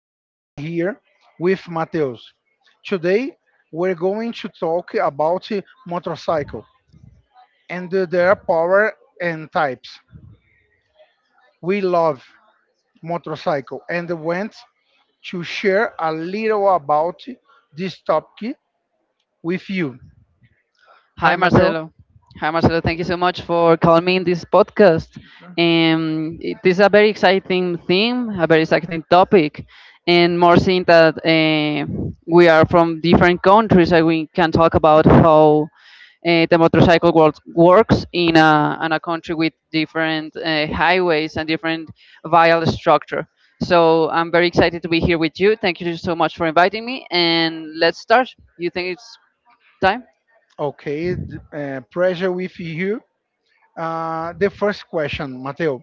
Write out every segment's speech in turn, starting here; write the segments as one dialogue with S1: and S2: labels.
S1: we're here with Mateus. Today, we're going to talk about motorcycle and their power and types. We love motorcycle and want to share a little about this topic with you.
S2: Hi,
S1: Hi, Mateus.
S2: Marcelo. Hi, Marcelo. Thank you so much for calling me in this podcast. It is a very exciting theme, a very exciting topic, and more seeing that we are from different countries, and we can talk about how the motorcycle world works in a country with different highways and different vial structure. So I'm very excited to be here with you. Thank you so much for inviting me, and let's start. You think it's time?
S1: Okay, pressure with you. The first question, Mateus: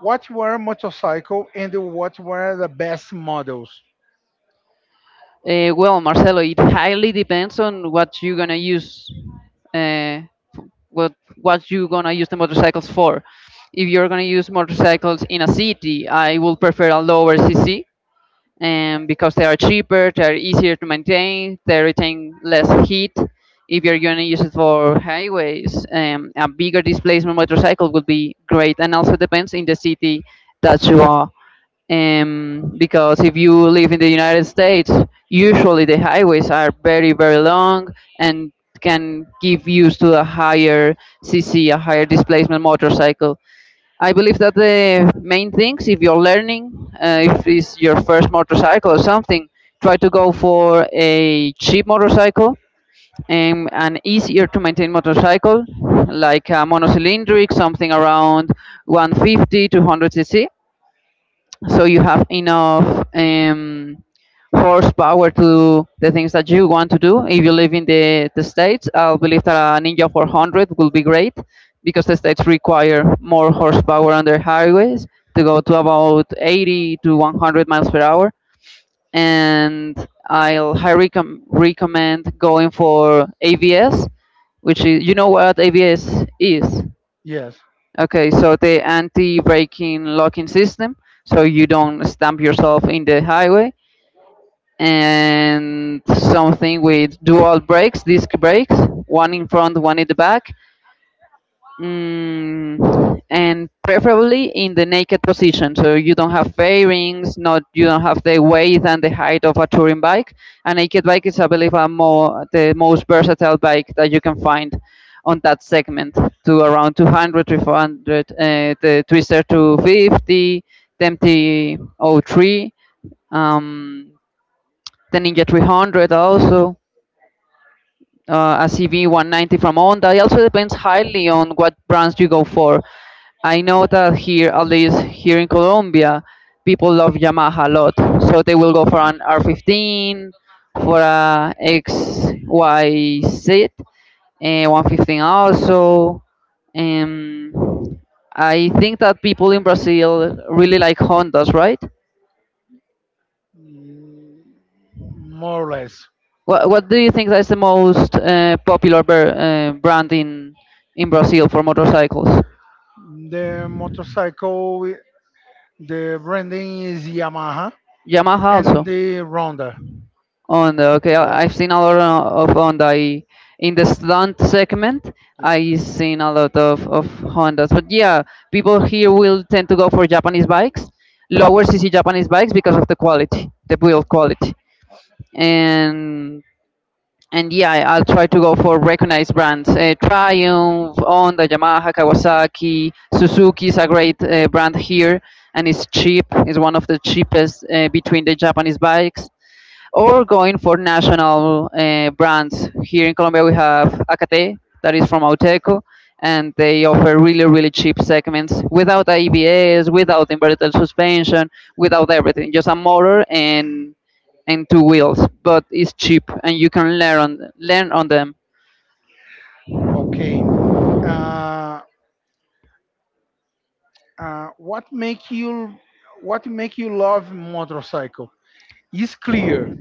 S1: What were motorcycle and what were the best models?
S2: Well, Marcelo, it highly depends on what you're gonna use, uh, what what you're gonna use the motorcycles for. If you're gonna use motorcycles in a city, I will prefer a lower CC, because they are cheaper, they are easier to maintain, they retain less heat. If you're gonna use it for highways, a bigger displacement motorcycle would be great, and also depends in the city that you are because if you live in the United States, usually the highways are very, very long and can give use to a higher CC, a higher displacement motorcycle. I believe that the main things, if you're learning, if it's your first motorcycle or something, try to go for a cheap motorcycle, an easier to maintain motorcycle, like a monocylindric, something around 150 to 100 cc so you have enough horsepower to do the things that you want to do. If you live in the States, I believe that a Ninja 400 will be great because the States require more horsepower on their highways to go to about 80 to 100 miles per hour. And I'll recommend going for ABS, which is, you know what ABS is?
S1: Yes.
S2: Okay, so the anti-braking locking system, so you don't stamp yourself in the highway, and something with dual brakes, disc brakes, one in front, one in the back. Mm, and preferably in the naked position, so you don't have fairings, not you don't have the weight and the height of a touring bike. A naked bike is, I believe, a more the most versatile bike that you can find on that segment, to around 200, 300, the Twister 250, the MT-03, um, the Ninja 300 also. A CV 190 from Honda. It also depends highly on what brands you go for. I know that here, at least here in Colombia, people love Yamaha a lot. So they will go for an R15, for a XYZ, 115 also. Um, I think that people in Brazil really like Hondas, right?
S1: More or less.
S2: What do you think that is the most popular brand in Brazil for motorcycles?
S1: The motorcycle, the branding is Yamaha
S2: Yamaha
S1: and
S2: also.
S1: the Ronda.
S2: Honda, okay.
S1: Yeah.
S2: I've seen a lot of Honda in the stunt segment.
S1: Yeah.
S2: I have seen a lot of Hondas. But yeah, people here will tend to go for Japanese bikes, lower CC Japanese bikes because of the quality, the build quality. And and yeah, I'll try to go for recognized brands. Triumph, Honda, Yamaha, Kawasaki, Suzuki is a
S1: Turkey.
S2: great brand here and it's cheap. It's one of the cheapest between the Japanese bikes, or going for national brands. Here in Colombia, we have Acate, that is from Auteco, and they offer really, really cheap segments without ABS, without inverted suspension, without everything, just a motor and two wheels. But it's cheap, and you can learn on them.
S1: Okay. Uh, what make you what make you love motorcycle? Is clear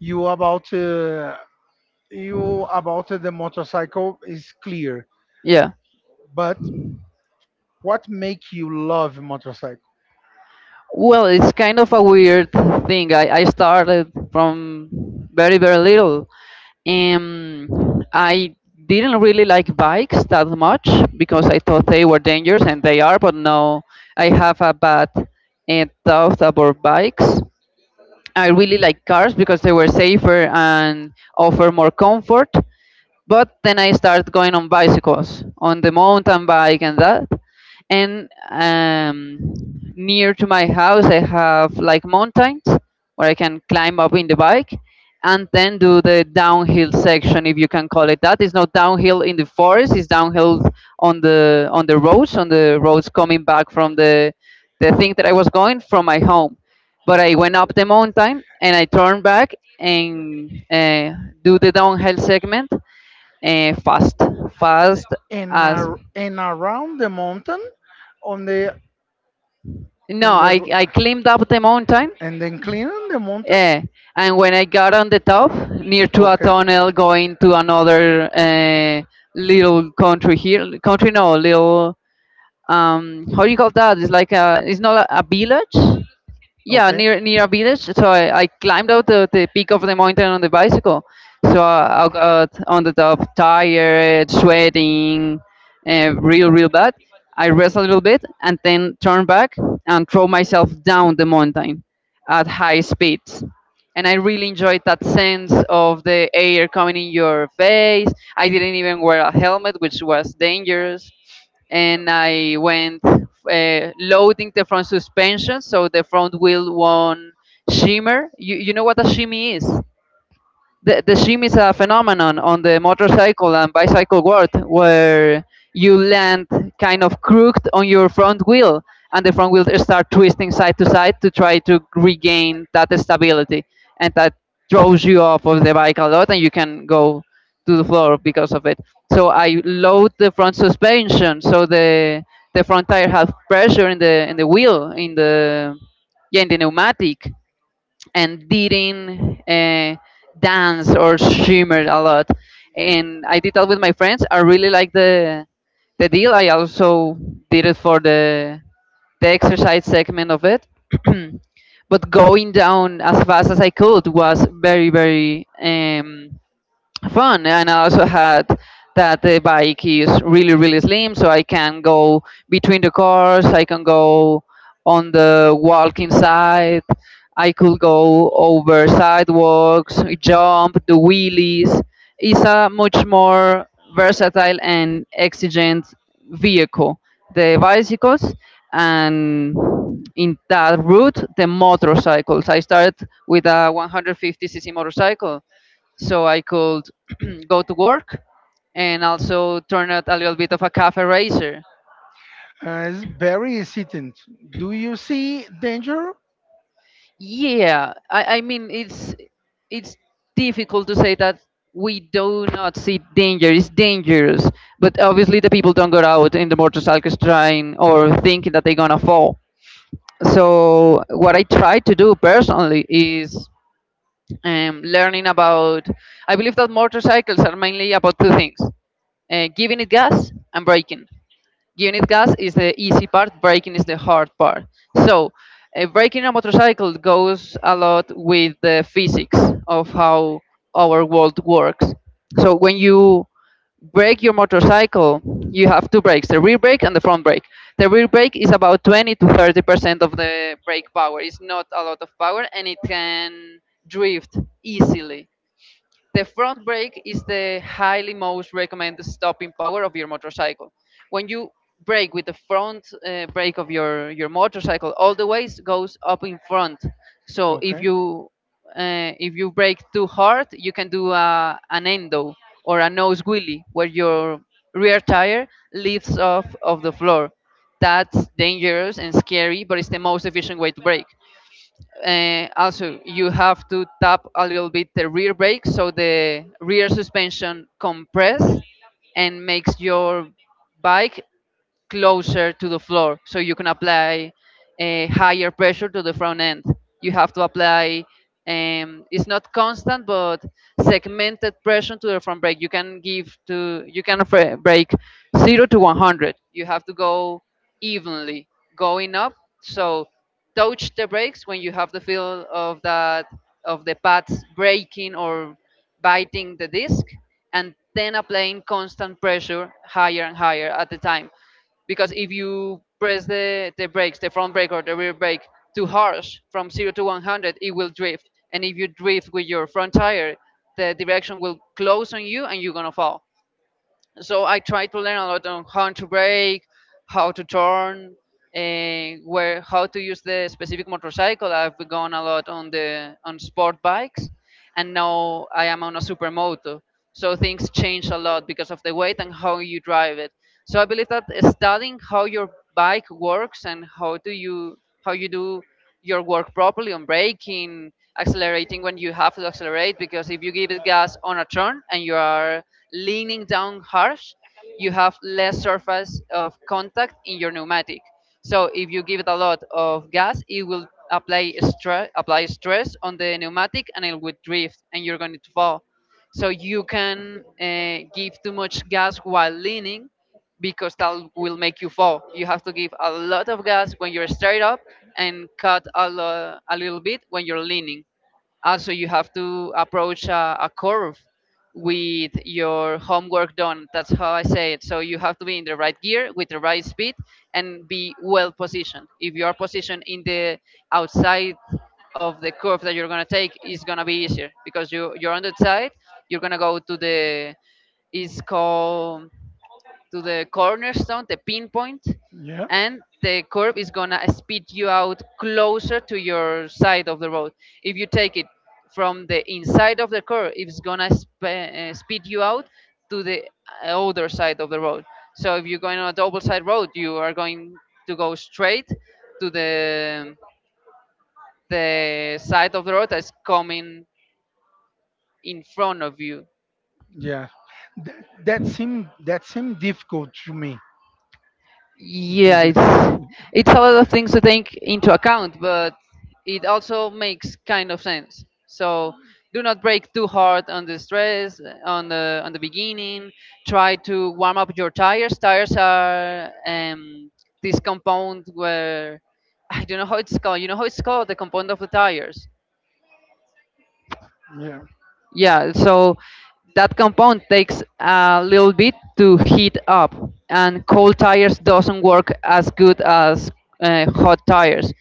S1: you about uh, you about the motorcycle is clear,
S2: Yeah.
S1: but what make you love motorcycle?
S2: Well, it's kind of a weird thing. I started from very, very little. Um, I didn't really like bikes that much because I thought they were dangerous, and they are. But now I have a bad thought about bikes. I really like cars because they were safer and offer more comfort. But then I started going on bicycles, on the mountain bike and that. And near to my house, I have like mountains where I can climb up in the bike and then do the downhill section, if you can call it that. It's not downhill in the forest; it's downhill on the roads, on the roads coming back from the thing that I
S1: So
S2: was going from my home. But I went up the mountain and I turned back and do the downhill segment fast, fast as
S1: and around the mountain on the
S2: No.
S1: and the
S2: I
S1: gr-
S2: I climbed up the mountain,
S1: and then cleaning the mountain.
S2: uh, and when I got on the top, near to a
S1: Okay.
S2: tunnel going to another little country here, country no, little, how do you call that? It's like it's not a village. Yeah,
S1: Okay.
S2: near a village. So I climbed out the peak of the mountain on the bicycle. So I got on the top, tired, sweating, real bad. I rest a little bit and then turn back and throw myself down the mountain at high speeds. And I really enjoyed that sense of the air coming in your face. I didn't even wear a helmet, which was dangerous. And I went loading the front suspension so the front wheel won't shimmer. You know what a shimmy is? The shim is a phenomenon on the motorcycle and bicycle world where you land kind of crooked on your front wheel and the front wheel start twisting side to side to try to regain that stability, and that throws you off of the bike a lot and you can go to the floor because of it. So I load the front suspension so the front tire have pressure in the wheel, in the, yeah, in the pneumatic, and didn't dance or shimmer a lot. And I did that with my friends. I really like the deal. I also did it for the exercise segment of it. But going down as fast as I could was very, very fun, and I also had that the bike is really, really slim, so I can go between the cars, I can go on the walking side, I could go over sidewalks, jump the wheelies. It's a much more versatile and exigent vehicle, the bicycles. And in that route the motorcycles, I started with a 150 cc motorcycle so I could go to work and also turn out a little bit of a cafe racer.
S1: It's very hesitant. Do you see danger?
S2: Yeah, I mean it's it's difficult to say that we do not see danger. It's dangerous, but obviously the people don't go out in the motorcycles trying or thinking that they're gonna fall. So what I try to do personally is learning about. I believe that motorcycles are mainly about two things: giving it gas and braking. Unit gas is the easy part, braking is the hard part. So, braking a motorcycle goes a lot with the physics of how our world works. So, when you brake your motorcycle, you have two brakes, the rear brake and the front brake. The rear brake is about 20 to 30% of the brake power, it's not a lot of power, and it can drift easily. The front brake is the highly most recommended stopping power of your motorcycle. When you brake with the front brake of your motorcycle, all the weight goes up in front. So if you if you brake too hard, you can do an endo or a nose wheelie where your rear tire lifts off of the floor. That's dangerous and scary, but it's the most efficient way to brake. Also, you have to tap a little bit the rear brake so the rear suspension compress and makes your bike closer to the floor so you can apply a higher pressure to the front end. You have to apply, it's not constant but segmented pressure to the front brake. You can give to you can brake 0 to 100, you have to go evenly, going up, so touch the brakes when you have the feel of that, of the pads breaking or biting the disc, and then applying constant pressure higher and higher at the time, because if you press the brakes, the front brake or the rear brake too harsh from 0 to 100, it will drift. And if you drift with your front tire, the direction will close on you and you're going to fall. So I try to learn a lot on how to brake, how to turn, and where how to use the specific motorcycle. I've gone a lot on the on sport bikes, and now I am on a supermoto. So things change a lot because of the weight and how you drive it. So I believe that studying how your bike works and how you do your work properly on braking, accelerating when you have to accelerate, because if you give it gas on a turn and you are leaning down harsh, you have less surface of contact in your pneumatic. So if you give it a lot of gas, it will apply stress on the pneumatic and it will drift and you're going to fall. So you can give too much gas while leaning, because that will make you fall. You have to give a lot of gas when you're straight up and cut a little bit when you're leaning. Also, you have to approach a curve with your homework done. That's how I say it. So you have to be in the right gear with the right speed and be well positioned. If you are positioned in the outside of the curve that you're gonna take, it's gonna be easier because you're on the side. You're gonna go to the, is called, to the cornerstone, the pinpoint,
S1: Yeah.
S2: and the curve is gonna speed you out closer to your side of the road. If you take it from the inside of the curve, it's gonna speed you out to the other side of the road. So if you're going on a double side road, you are going to go straight to the side of the road that's coming in front of you.
S1: Yeah, that, that seemed that seemed difficult to me.
S2: Yeah, it's it's a lot of things to take into account, but it also makes kind of sense. So do not break too hard on the stress, on the beginning. Try to warm up your tires. Tires are this compound where I don't know how it's called. You know how it's called, the compound of the tires?
S1: Yes. Yeah.
S2: Yeah. So that compound takes a little bit to heat up, and cold tires doesn't work as good as hot tires.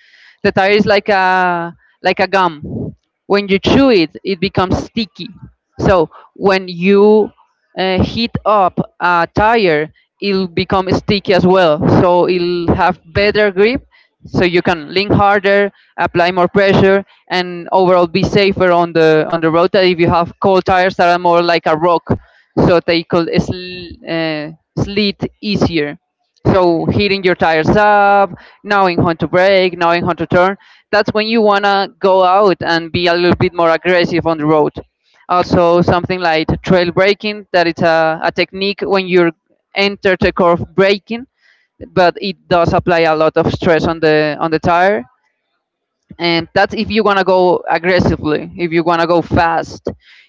S2: The tire is like a, like a gum. When you chew it becomes sticky. So when you heat up a tire, it'll become sticky as well, so it'll have better grip. So you can lean harder, apply more pressure, and overall be safer on the road, that if you have cold tires that are more like a rock, so they could slid easier. So hitting your tires up, knowing how to brake, knowing how to turn, that's when you want to go out and be a little bit more aggressive on the road. Also something like trail braking, that it's a technique when you enter the curve braking, but it does apply a lot of stress on the tire. And that's if you want to go aggressively, if you want to go fast.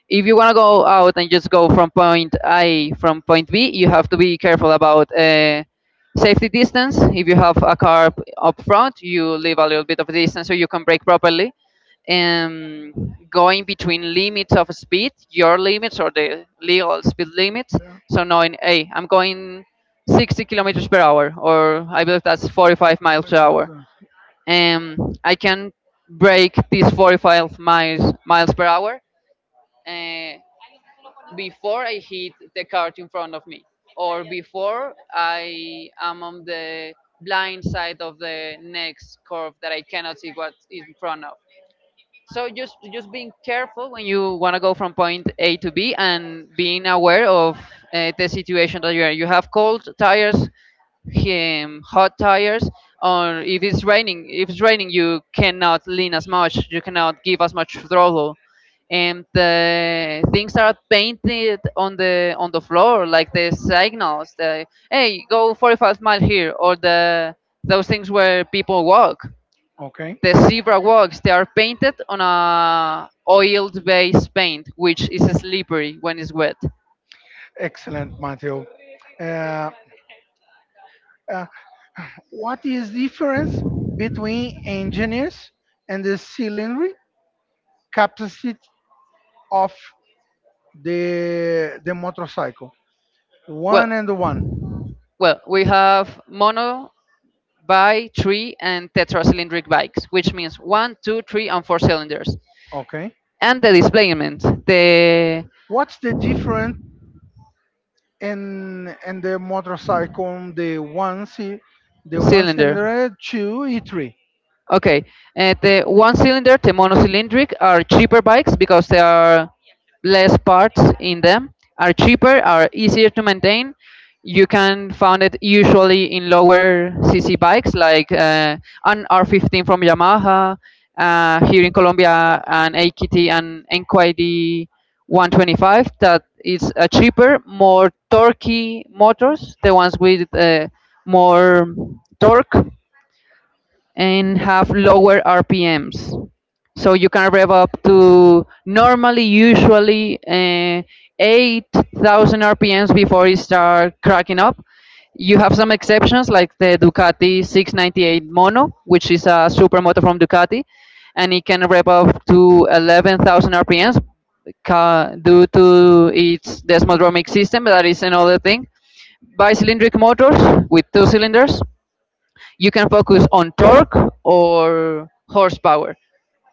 S2: If you want to go out and just go from point A from point B, you have to be careful about, safety distance. If you have a car up front, you leave a little bit of distance so you can brake properly. um, Going between limits of speed, your limits or the legal speed limits. So knowing, hey, I'm going 60 kilometers per hour, or I believe that's 45 miles per hour.
S1: uh,
S2: um, I can break these 45 miles per hour, uh, before I hit the cart in front of me, or before I am on the blind side of the next curve that I cannot see what is in front of. So just being careful when you want to go from point A to B, and being aware of, the situation that you are. You have cold tires, hot tires, or If it's raining, you cannot lean as much, you cannot give as much throttle. And the things are painted on the floor, like the signals, the hey go 45-mile here, or the those things where people walk,
S1: Okay.
S2: the zebra walks. They are painted on a oiled based paint, which is slippery when it's wet.
S1: Excellent, Matthew. Uh, uh, what is the difference between engineers and the cylinder capacity of the motorcycle?
S2: well
S1: One and the one.
S2: well we have mono, by three, and tetracylindric bikes, which means one, two, three, and four cylinders.
S1: Okay.
S2: And the displacement, the
S1: What's the difference in the motorcycle, the one
S2: cylinder.
S1: cylinder two e three?
S2: Okay, and the one cylinder, the monocylindric, are cheaper bikes because there are less parts in them, are cheaper, are easier to maintain. You can find it usually in lower CC bikes, like an R15 from Yamaha, here in Colombia, an AKT and NQID 125, that is a cheaper, more torquey motors, the ones with more torque and have lower RPMs. So you can rev up to, normally, usually, 8,000 RPMs before you start cracking up. You have some exceptions like the Ducati 698 Mono, which is a supermoto from Ducati, and it can rev up to 11,000 RPMs due to its desmodromic system. That is another thing. Bicylindric motors, with two cylinders, you can focus on torque or horsepower.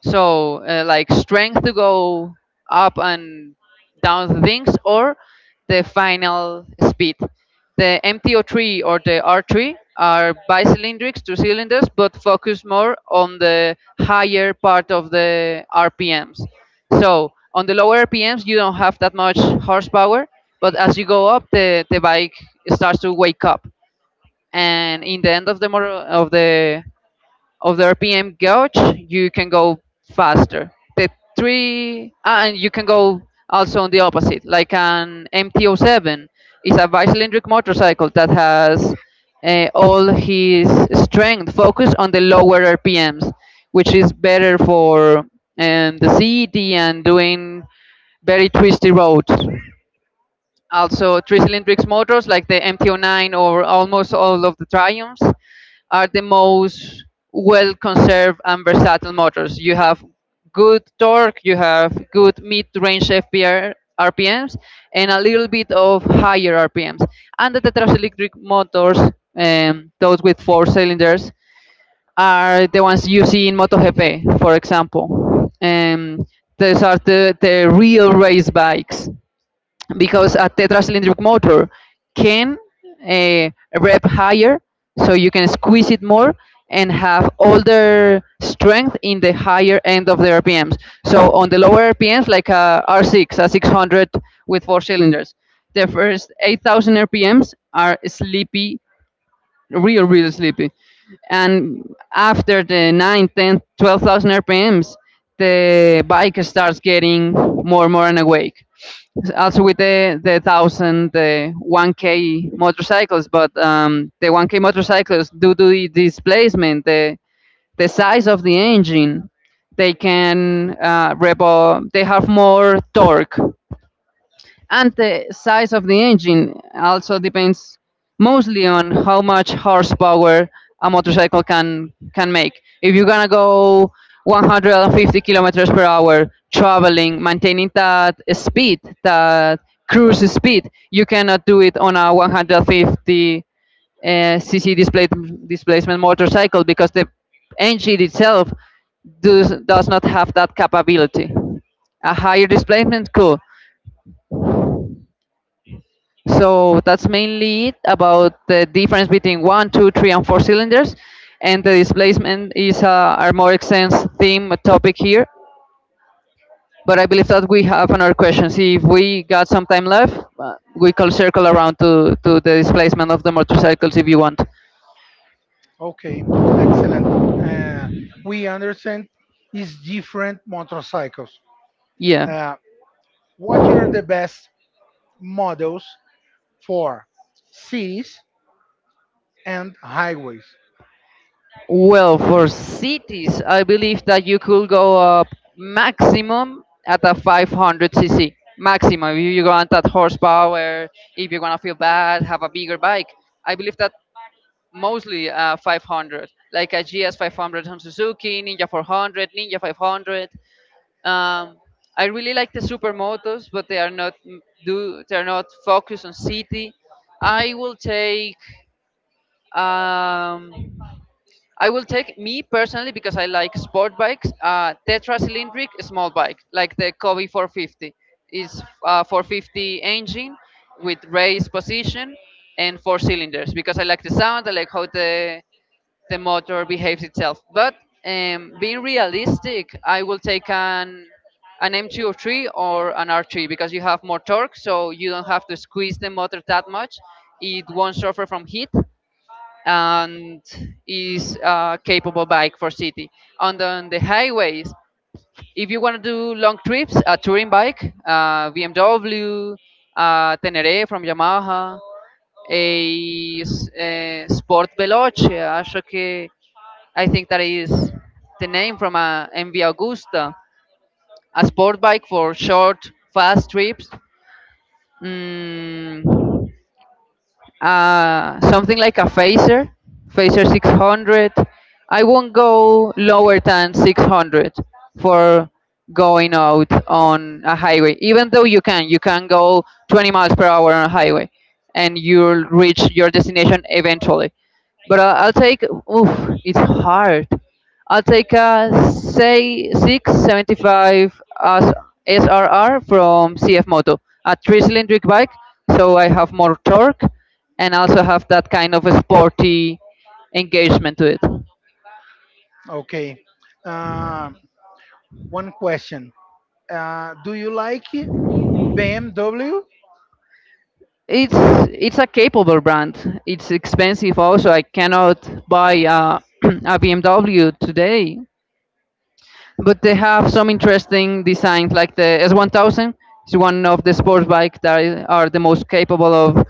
S2: So, like strength to go up and down things, or the final speed. The MTO3 or the R3 are bicylindric, two cylinders, but focus more on the higher part of the RPMs. So, on the lower RPMs, you don't have that much horsepower, but as you go up, the bike starts to wake up, and in the end of the motor, of the RPM gauge, you can go faster. The and you can go also on the opposite, like an MT-07 is a bicylindric motorcycle that has all his strength focused on the lower RPMs, which is better for, the city and doing very twisty roads. Also, three-cylindric motors like the MT-09 or almost all of the Triumphs are the most well-conserved and versatile motors. You have good torque, you have good mid-range FPR RPMs, and a little bit of higher RPMs. And the tetracylindric motors, those with four cylinders, are the ones you see in MotoGP, for example. Those are the real race bikes, because a tetracylindric motor can uh, rev higher, so you can squeeze it more and have all their strength in the higher end of the RPMs. So on the lower RPMs, like a R6, a 600 with four cylinders, the first 8,000 RPMs are sleepy, real, real sleepy. And after the 9, 10, 12,000 RPMs, the bike starts getting more, and more and awake. Also with the 1k motorcycles. But the 1k motorcycles, due to the displacement, the size of the engine, they can they have more torque. And the size of the engine also depends mostly on how much horsepower a motorcycle can make. If you're gonna go 150 kilometers per hour traveling, maintaining that speed, that cruise speed, you cannot do it on a 150 cc displacement motorcycle, because the engine itself does not have that capability. A higher displacement, cool. So that's mainly it about the difference between one, two, three, and four cylinders. And the displacement is, our more extensive theme topic here. But I believe that we have another question. See if we got some time left, we can circle around to the displacement of the motorcycles if you want.
S1: Okay, excellent. Uh, we understand is different motorcycles.
S2: Yeah.
S1: Uh, what are the best models for cities and highways?
S2: Well, for cities, I believe that you could go up maximum at a 500cc. Maximum. If you want that horsepower, if you are going to feel bad, have a bigger bike. I believe that mostly, 500, like a GS 500 on Suzuki, Ninja 400, Ninja 500. Um, I really like the supermotos, but they are not focused on city. I will take um, I will take me personally, because I like sport bikes. Tetra cylindric small bike like the Kobe 450, is 450 engine, with raised position and four cylinders, because I like the sound. I like how the motor behaves itself. But being realistic, I will take an M203 or an R3, because you have more torque, so you don't have to squeeze the motor that much. It won't suffer from heat, and is a capable bike for city. And on the highways, if you want to do long trips, a touring bike, BMW, Tenere from Yamaha, a Sport Veloce, acho que, I think that is the name, from a MV Augusta, a sport bike for short, fast trips. Mm, Something like a Phaser 600. I won't go lower than 600 for going out on a highway, even though you can. You can go 20 miles per hour on a highway and you'll reach your destination eventually. But I'll take. Oof, it's hard. I'll take, a say, 675 as SRR from CF Moto, a three cylindric bike, so I have more torque and also have that kind of a sporty engagement to it.
S1: Okay. Uh, one question. Do you like BMW?
S2: It's it's a capable brand. It's expensive also. I cannot buy a BMW today, but they have some interesting designs like the S1000. Is one of the sports bike that are the most capable of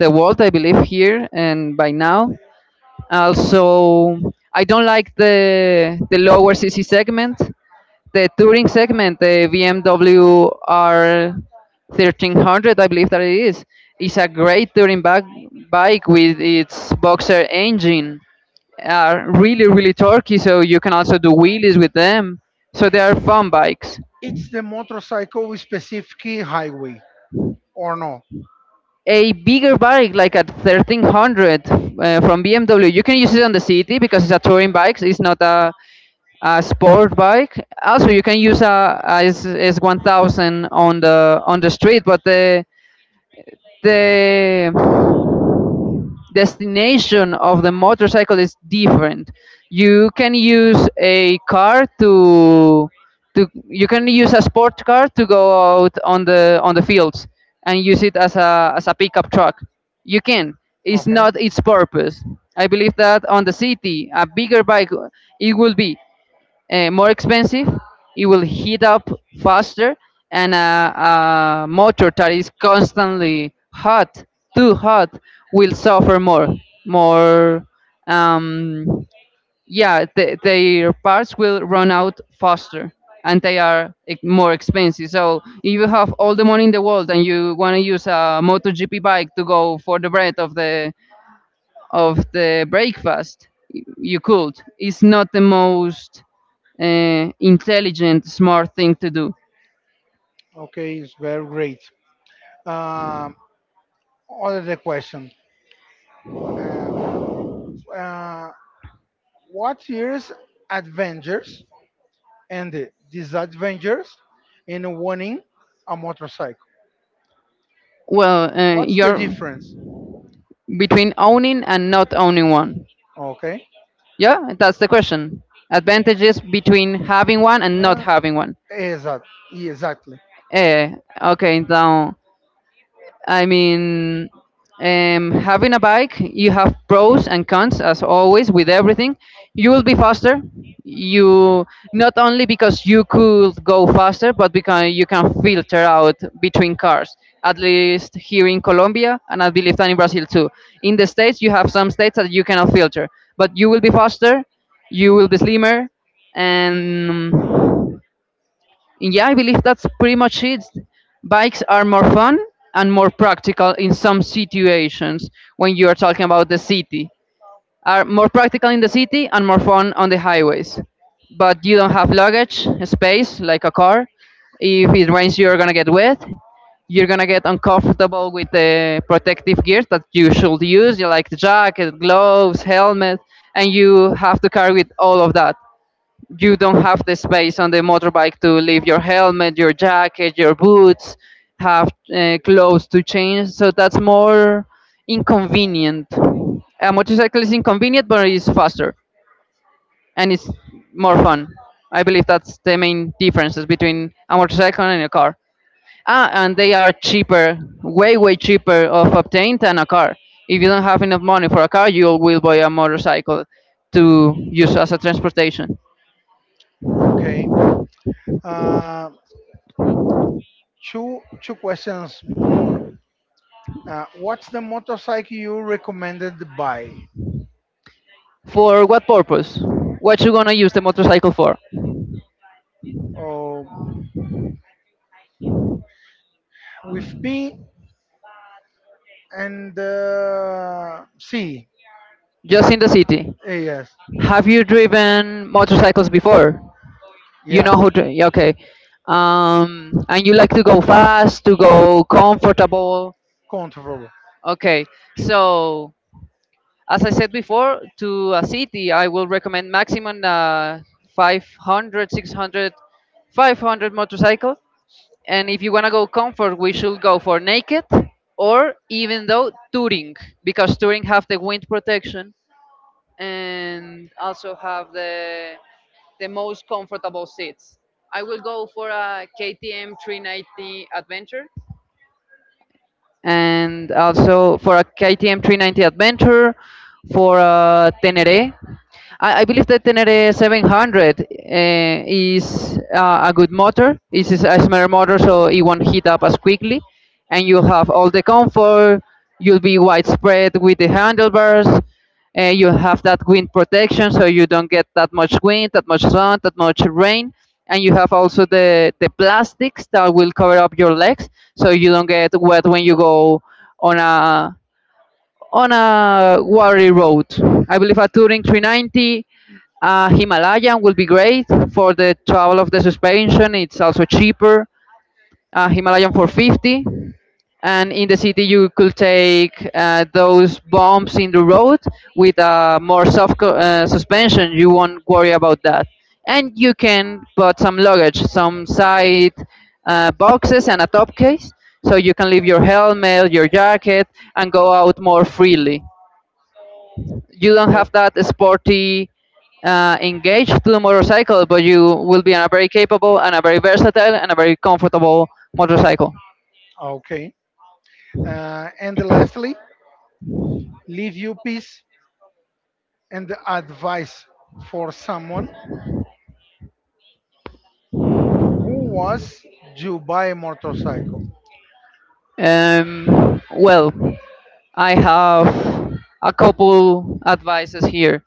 S2: the world, I believe, here and by now. Also, I don't like the lower CC segment, the touring segment. The BMW R 1300, I believe that it is a great touring bike, with its boxer engine, are really really torquey, so you can also do wheelies with them. So they are fun bikes.
S1: It's the motorcycle with specific highway or no?
S2: A bigger bike like a 1300, from BMW, you can use it on the city because it's a touring bike, it's not a sport bike. Also, you can use a S1000 on the street, but the destination of the motorcycle is different. You can use a car to. You can use a sport car to go out on the fields and use it as a pickup truck. You can. It's
S1: Okay.
S2: not its purpose. I believe that on the city, a bigger bike, it will be more expensive, it will heat up faster, and a motor that is constantly hot, too hot, will suffer more. More, um, yeah, their parts will run out faster, and they are more expensive. So if you have all the money in the world and you want to use a MotoGP bike to go for the bread of the breakfast, you could. It's not the most intelligent, smart thing to do.
S1: Okay, it's very great. Um, other question. Uh, uh, what years adventures and disadventures in owning a motorcycle?
S2: Well,
S1: What's the
S2: you're
S1: difference?
S2: between owning and not owning one.
S1: Okay.
S2: Yeah, that's the question. Advantages between having one and not
S1: Uh,
S2: having one.
S1: exact, exactly.
S2: Eh, okay, now, I mean, having a bike, you have pros and cons, as always, with everything. You will be faster. You Not only because you could go faster, but because you can filter out between cars. At least here in Colombia, and I believe that in Brazil too. In the states, you have some states that you cannot filter, but you will be faster. You will be slimmer, and yeah, I believe that's pretty much it. Bikes are more fun and more practical in some situations when you are talking about the city. Are more practical in the city and more fun on the highways. But you don't have luggage space like a car. If it rains, you're gonna get wet. You're gonna get uncomfortable with the protective gear that you should use, you like the jacket, gloves, helmet, and you have to carry with all of that. You don't have the space on the motorbike to leave your helmet, your jacket, your boots, have clothes to change. So that's more inconvenient. A motorcycle is inconvenient, but it's faster and it's more fun. I believe that's the main differences between a motorcycle and a car. Ah, and they are cheaper, way, way cheaper of obtained than a car. If you don't have enough money for a car, you will buy a motorcycle to use as a transportation.
S1: Okay. Uh, two questions more. What's the motorcycle you recommended buy?
S2: For what purpose? What you gonna use the motorcycle for?
S1: Oh, with me and see,
S2: Just in the city.
S1: eh, yes,
S2: Have you driven motorcycles before? You
S1: yeah,
S2: know how to. Yeah. Okay. And you like to go fast, to go comfortable.
S1: comfortable.
S2: Okay. So, as I said before, to a city, I will recommend maximum 500 motorcycle. And if you want to go comfort, we should go for naked, or even though touring, because touring have the wind protection and also have the most comfortable seats. I will go for a KTM 390 Adventure, and also for a KTM 390 Adventure, for a Tenere. I believe the Tenere 700 is a good motor. It is a smaller motor, so it won't heat up as quickly, and you have all the comfort. You'll be widespread with the handlebars, you have that wind protection so you don't get that much wind, that much sun, that much rain, and you have also the plastics that will cover up your legs, so you don't get wet when you go on a. on a watery road. I believe a touring 390, Himalayan, will be great for the travel of the suspension. It's also cheaper. Himalayan for 50. And in the city, you could take those bumps in the road with a more soft suspension. You won't worry about that. And you can put some luggage, some side boxes, and a top case. So you can leave your helmet, your jacket, and go out more freely. You don't
S1: Oh,
S2: have that sporty engage to the motorcycle, but you will be on a very capable and a very versatile and a very comfortable motorcycle.
S1: okay. And lastly, leave you peace and advice for someone who was to buy a motorcycle.
S2: Well, I have a couple advices here.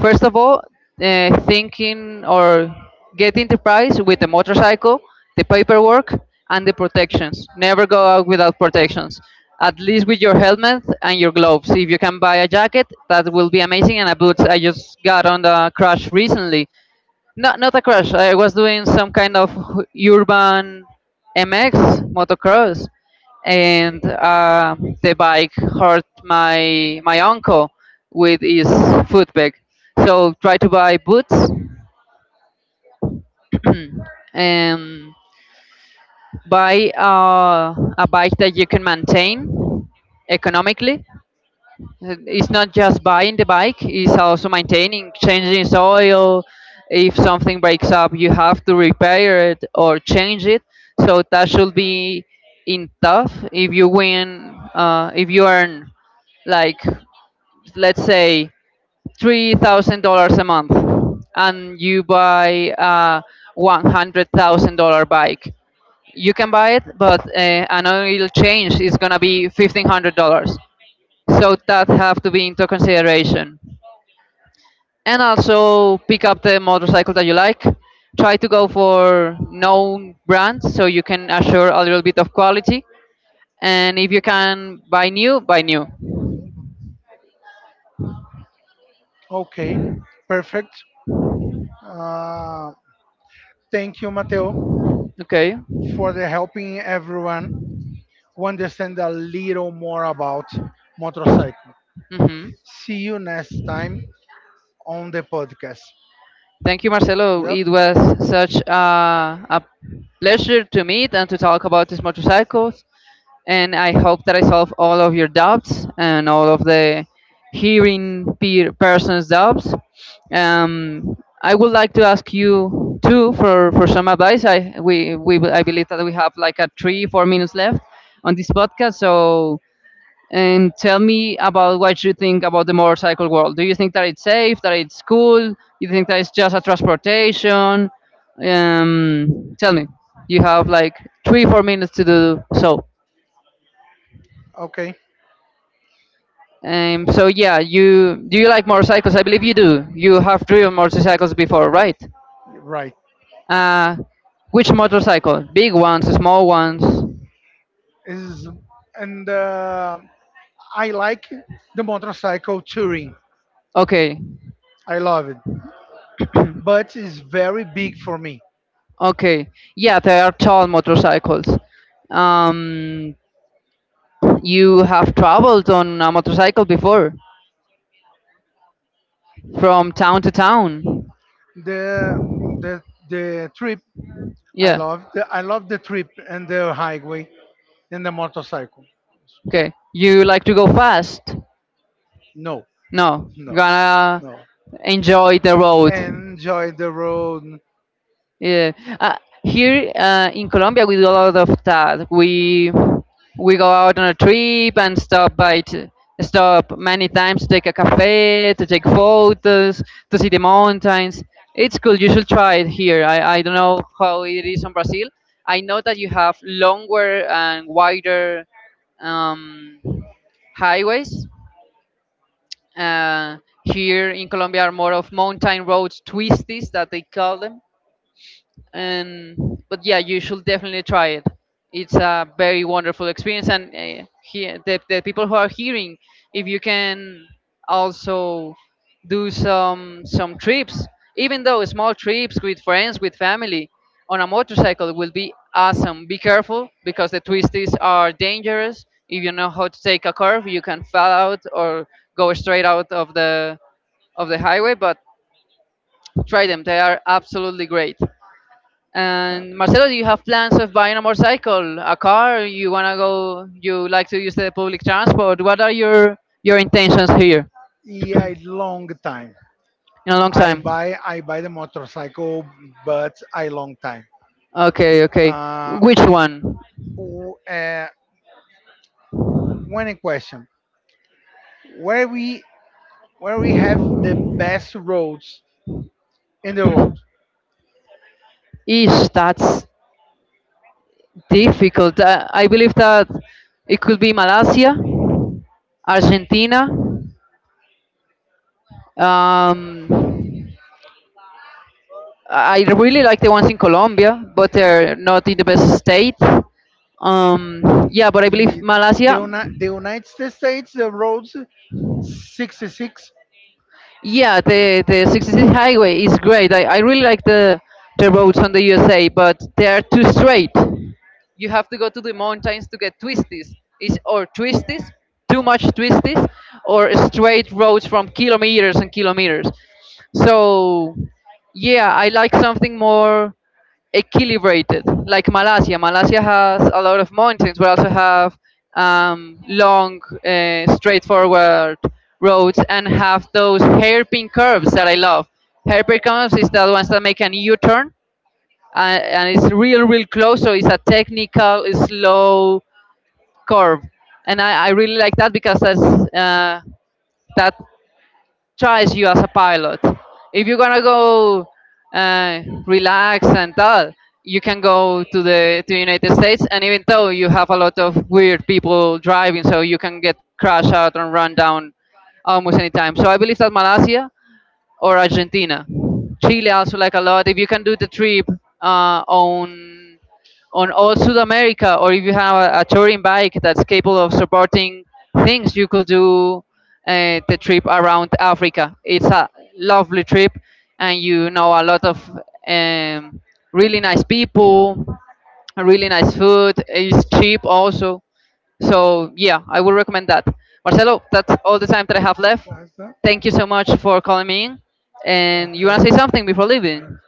S2: First of all, thinking or getting the price with the motorcycle, the paperwork, and the protections. Never go out without protections. At least with your helmet and your gloves. If you can buy a jacket, that will be amazing. And a boots. I just got on the crash recently. Not a crash. I was doing some kind of urban MX motocross, and the bike hurt my uncle with his foot peg. So try to buy boots, and buy a bike that you can maintain economically. It's not just buying the bike; it's also maintaining, changing its oil. If something breaks up, you have to repair it or change it. So that should be in tough. If you earn, like, let's say $3,000 a month, and you buy a $100,000 bike, you can buy it, but an oil change is gonna be $1,500, so that have to be into consideration. And also pick up the motorcycle that you like. Try to go for known brands, so you can assure a little bit of quality. And if you can buy new, buy new.
S1: Okay, perfect. Uh, thank you, Mateo,
S2: Okay.
S1: for the helping everyone. Who understand a little more about motorcycle.
S2: Hmm.
S1: See you next time on the podcast.
S2: Thank you, Marcelo.
S1: Yep.
S2: It was such a pleasure to meet and to talk about these motorcycles, and I hope that I solve all of your doubts and all of the hearing peer person's doubts. Um, I would like to ask you too, for, some advice. I believe that we have like a three four minutes left on this podcast. So, and tell me about what you think about the motorcycle world. Do you think that it's safe? That it's cool? You think that it's just a transportation? Tell me. You have like three four minutes to do so.
S1: Okay.
S2: So yeah, you do you like motorcycles? I believe you do. You have driven motorcycles before, right?
S1: Right.
S2: Uh, which motorcycle? Big ones, small ones?
S1: Is and I like the motorcycle touring.
S2: Okay,
S1: I love it, but it's very big for me.
S2: okay. Yeah, they are tall motorcycles. Um, you have traveled on a motorcycle before, from town to town.
S1: The the the trip.
S2: Yeah.
S1: I love the trip and the highway and the motorcycle.
S2: Okay. You like to go fast?
S1: No,
S2: No.
S1: no,
S2: Gonna
S1: no.
S2: enjoy the road.
S1: Enjoy the road.
S2: Yeah. Uh, here in Colombia, we do a lot of that. We go out on a trip and Stop many times to take a cafe, to take photos, to see the mountains. It's cool. You should try it here. I don't know how it is in Brazil. I know that you have longer and wider um, highways. Uh, here in Colombia are more of mountain roads, twisties, that they call them. And but yeah, you should definitely try it. It's a very wonderful experience, and the people who are hearing, if you can also do some trips, even though small trips, with friends, with family, on a motorcycle, will be awesome. Be careful, because the twisties are dangerous. If you know how to take a curve, you can fall out, or go straight out of the highway. But try them, they are absolutely great. And, Marcelo, do you have plans of buying a motorcycle, a car? You wanna go? You like to use the public
S1: Uh,
S2: transport? What are your intentions here
S1: Yeah, it's long time.
S2: in a long time?
S1: I buy the motorcycle, but I long time.
S2: Okay, okay.
S1: Uh,
S2: Which one?
S1: w- uh, one question: where we where we have the best roads in the world?
S2: Ish, that's difficult. I believe that it could be Malaysia, Argentina. Um, I really like the ones in Colombia, but they're not in the best state. Yeah, but I believe
S1: Y de,
S2: Malaysia.
S1: una, the United States, the roads 66.
S2: Yeah, the 66 highway is great. I really like the roads on the USA, but they are too straight. You have to go to the mountains to get twisties. It's or twisties, too much twisties, or straight roads from kilometers and kilometers. So, yeah, I like something more equilibrated, like Malaysia. Malaysia has a lot of mountains, but also have long, straightforward roads, and have those hairpin curves that I love. Hairpin curves is the ones that make an U-turn, and it's real, real close. So it's a technical, slow curve, and I really like that because uh, that tries you as a pilot. If you're gonna go relax and all, you can go to the to United States, and even though you have a lot of weird people driving, so you can get crashed out and run down almost any time. So I believe that Malaysia or Argentina, Chile, also like a lot. If you can do the trip uh, on on all South America, or if you have a touring bike that's capable of supporting things, you could do the trip around Africa. It's a lovely trip, and you know a lot of um, really nice people, really nice food. It's cheap also. So, yeah, I would recommend that. Marcelo, that's all the time that I have left.
S1: That's that.
S2: Thank you so much for calling me in. And you
S1: Okay.
S2: wanna say something before
S1: Yeah.
S2: leaving?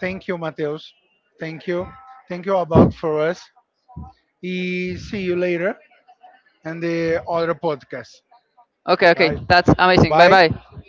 S1: Thank you, Mateus. Thank you. Thank you about for us. Y see you later and the other podcast.
S2: Okay, okay,
S1: Bye.
S2: that's amazing. Bye
S1: Bye.
S2: bye.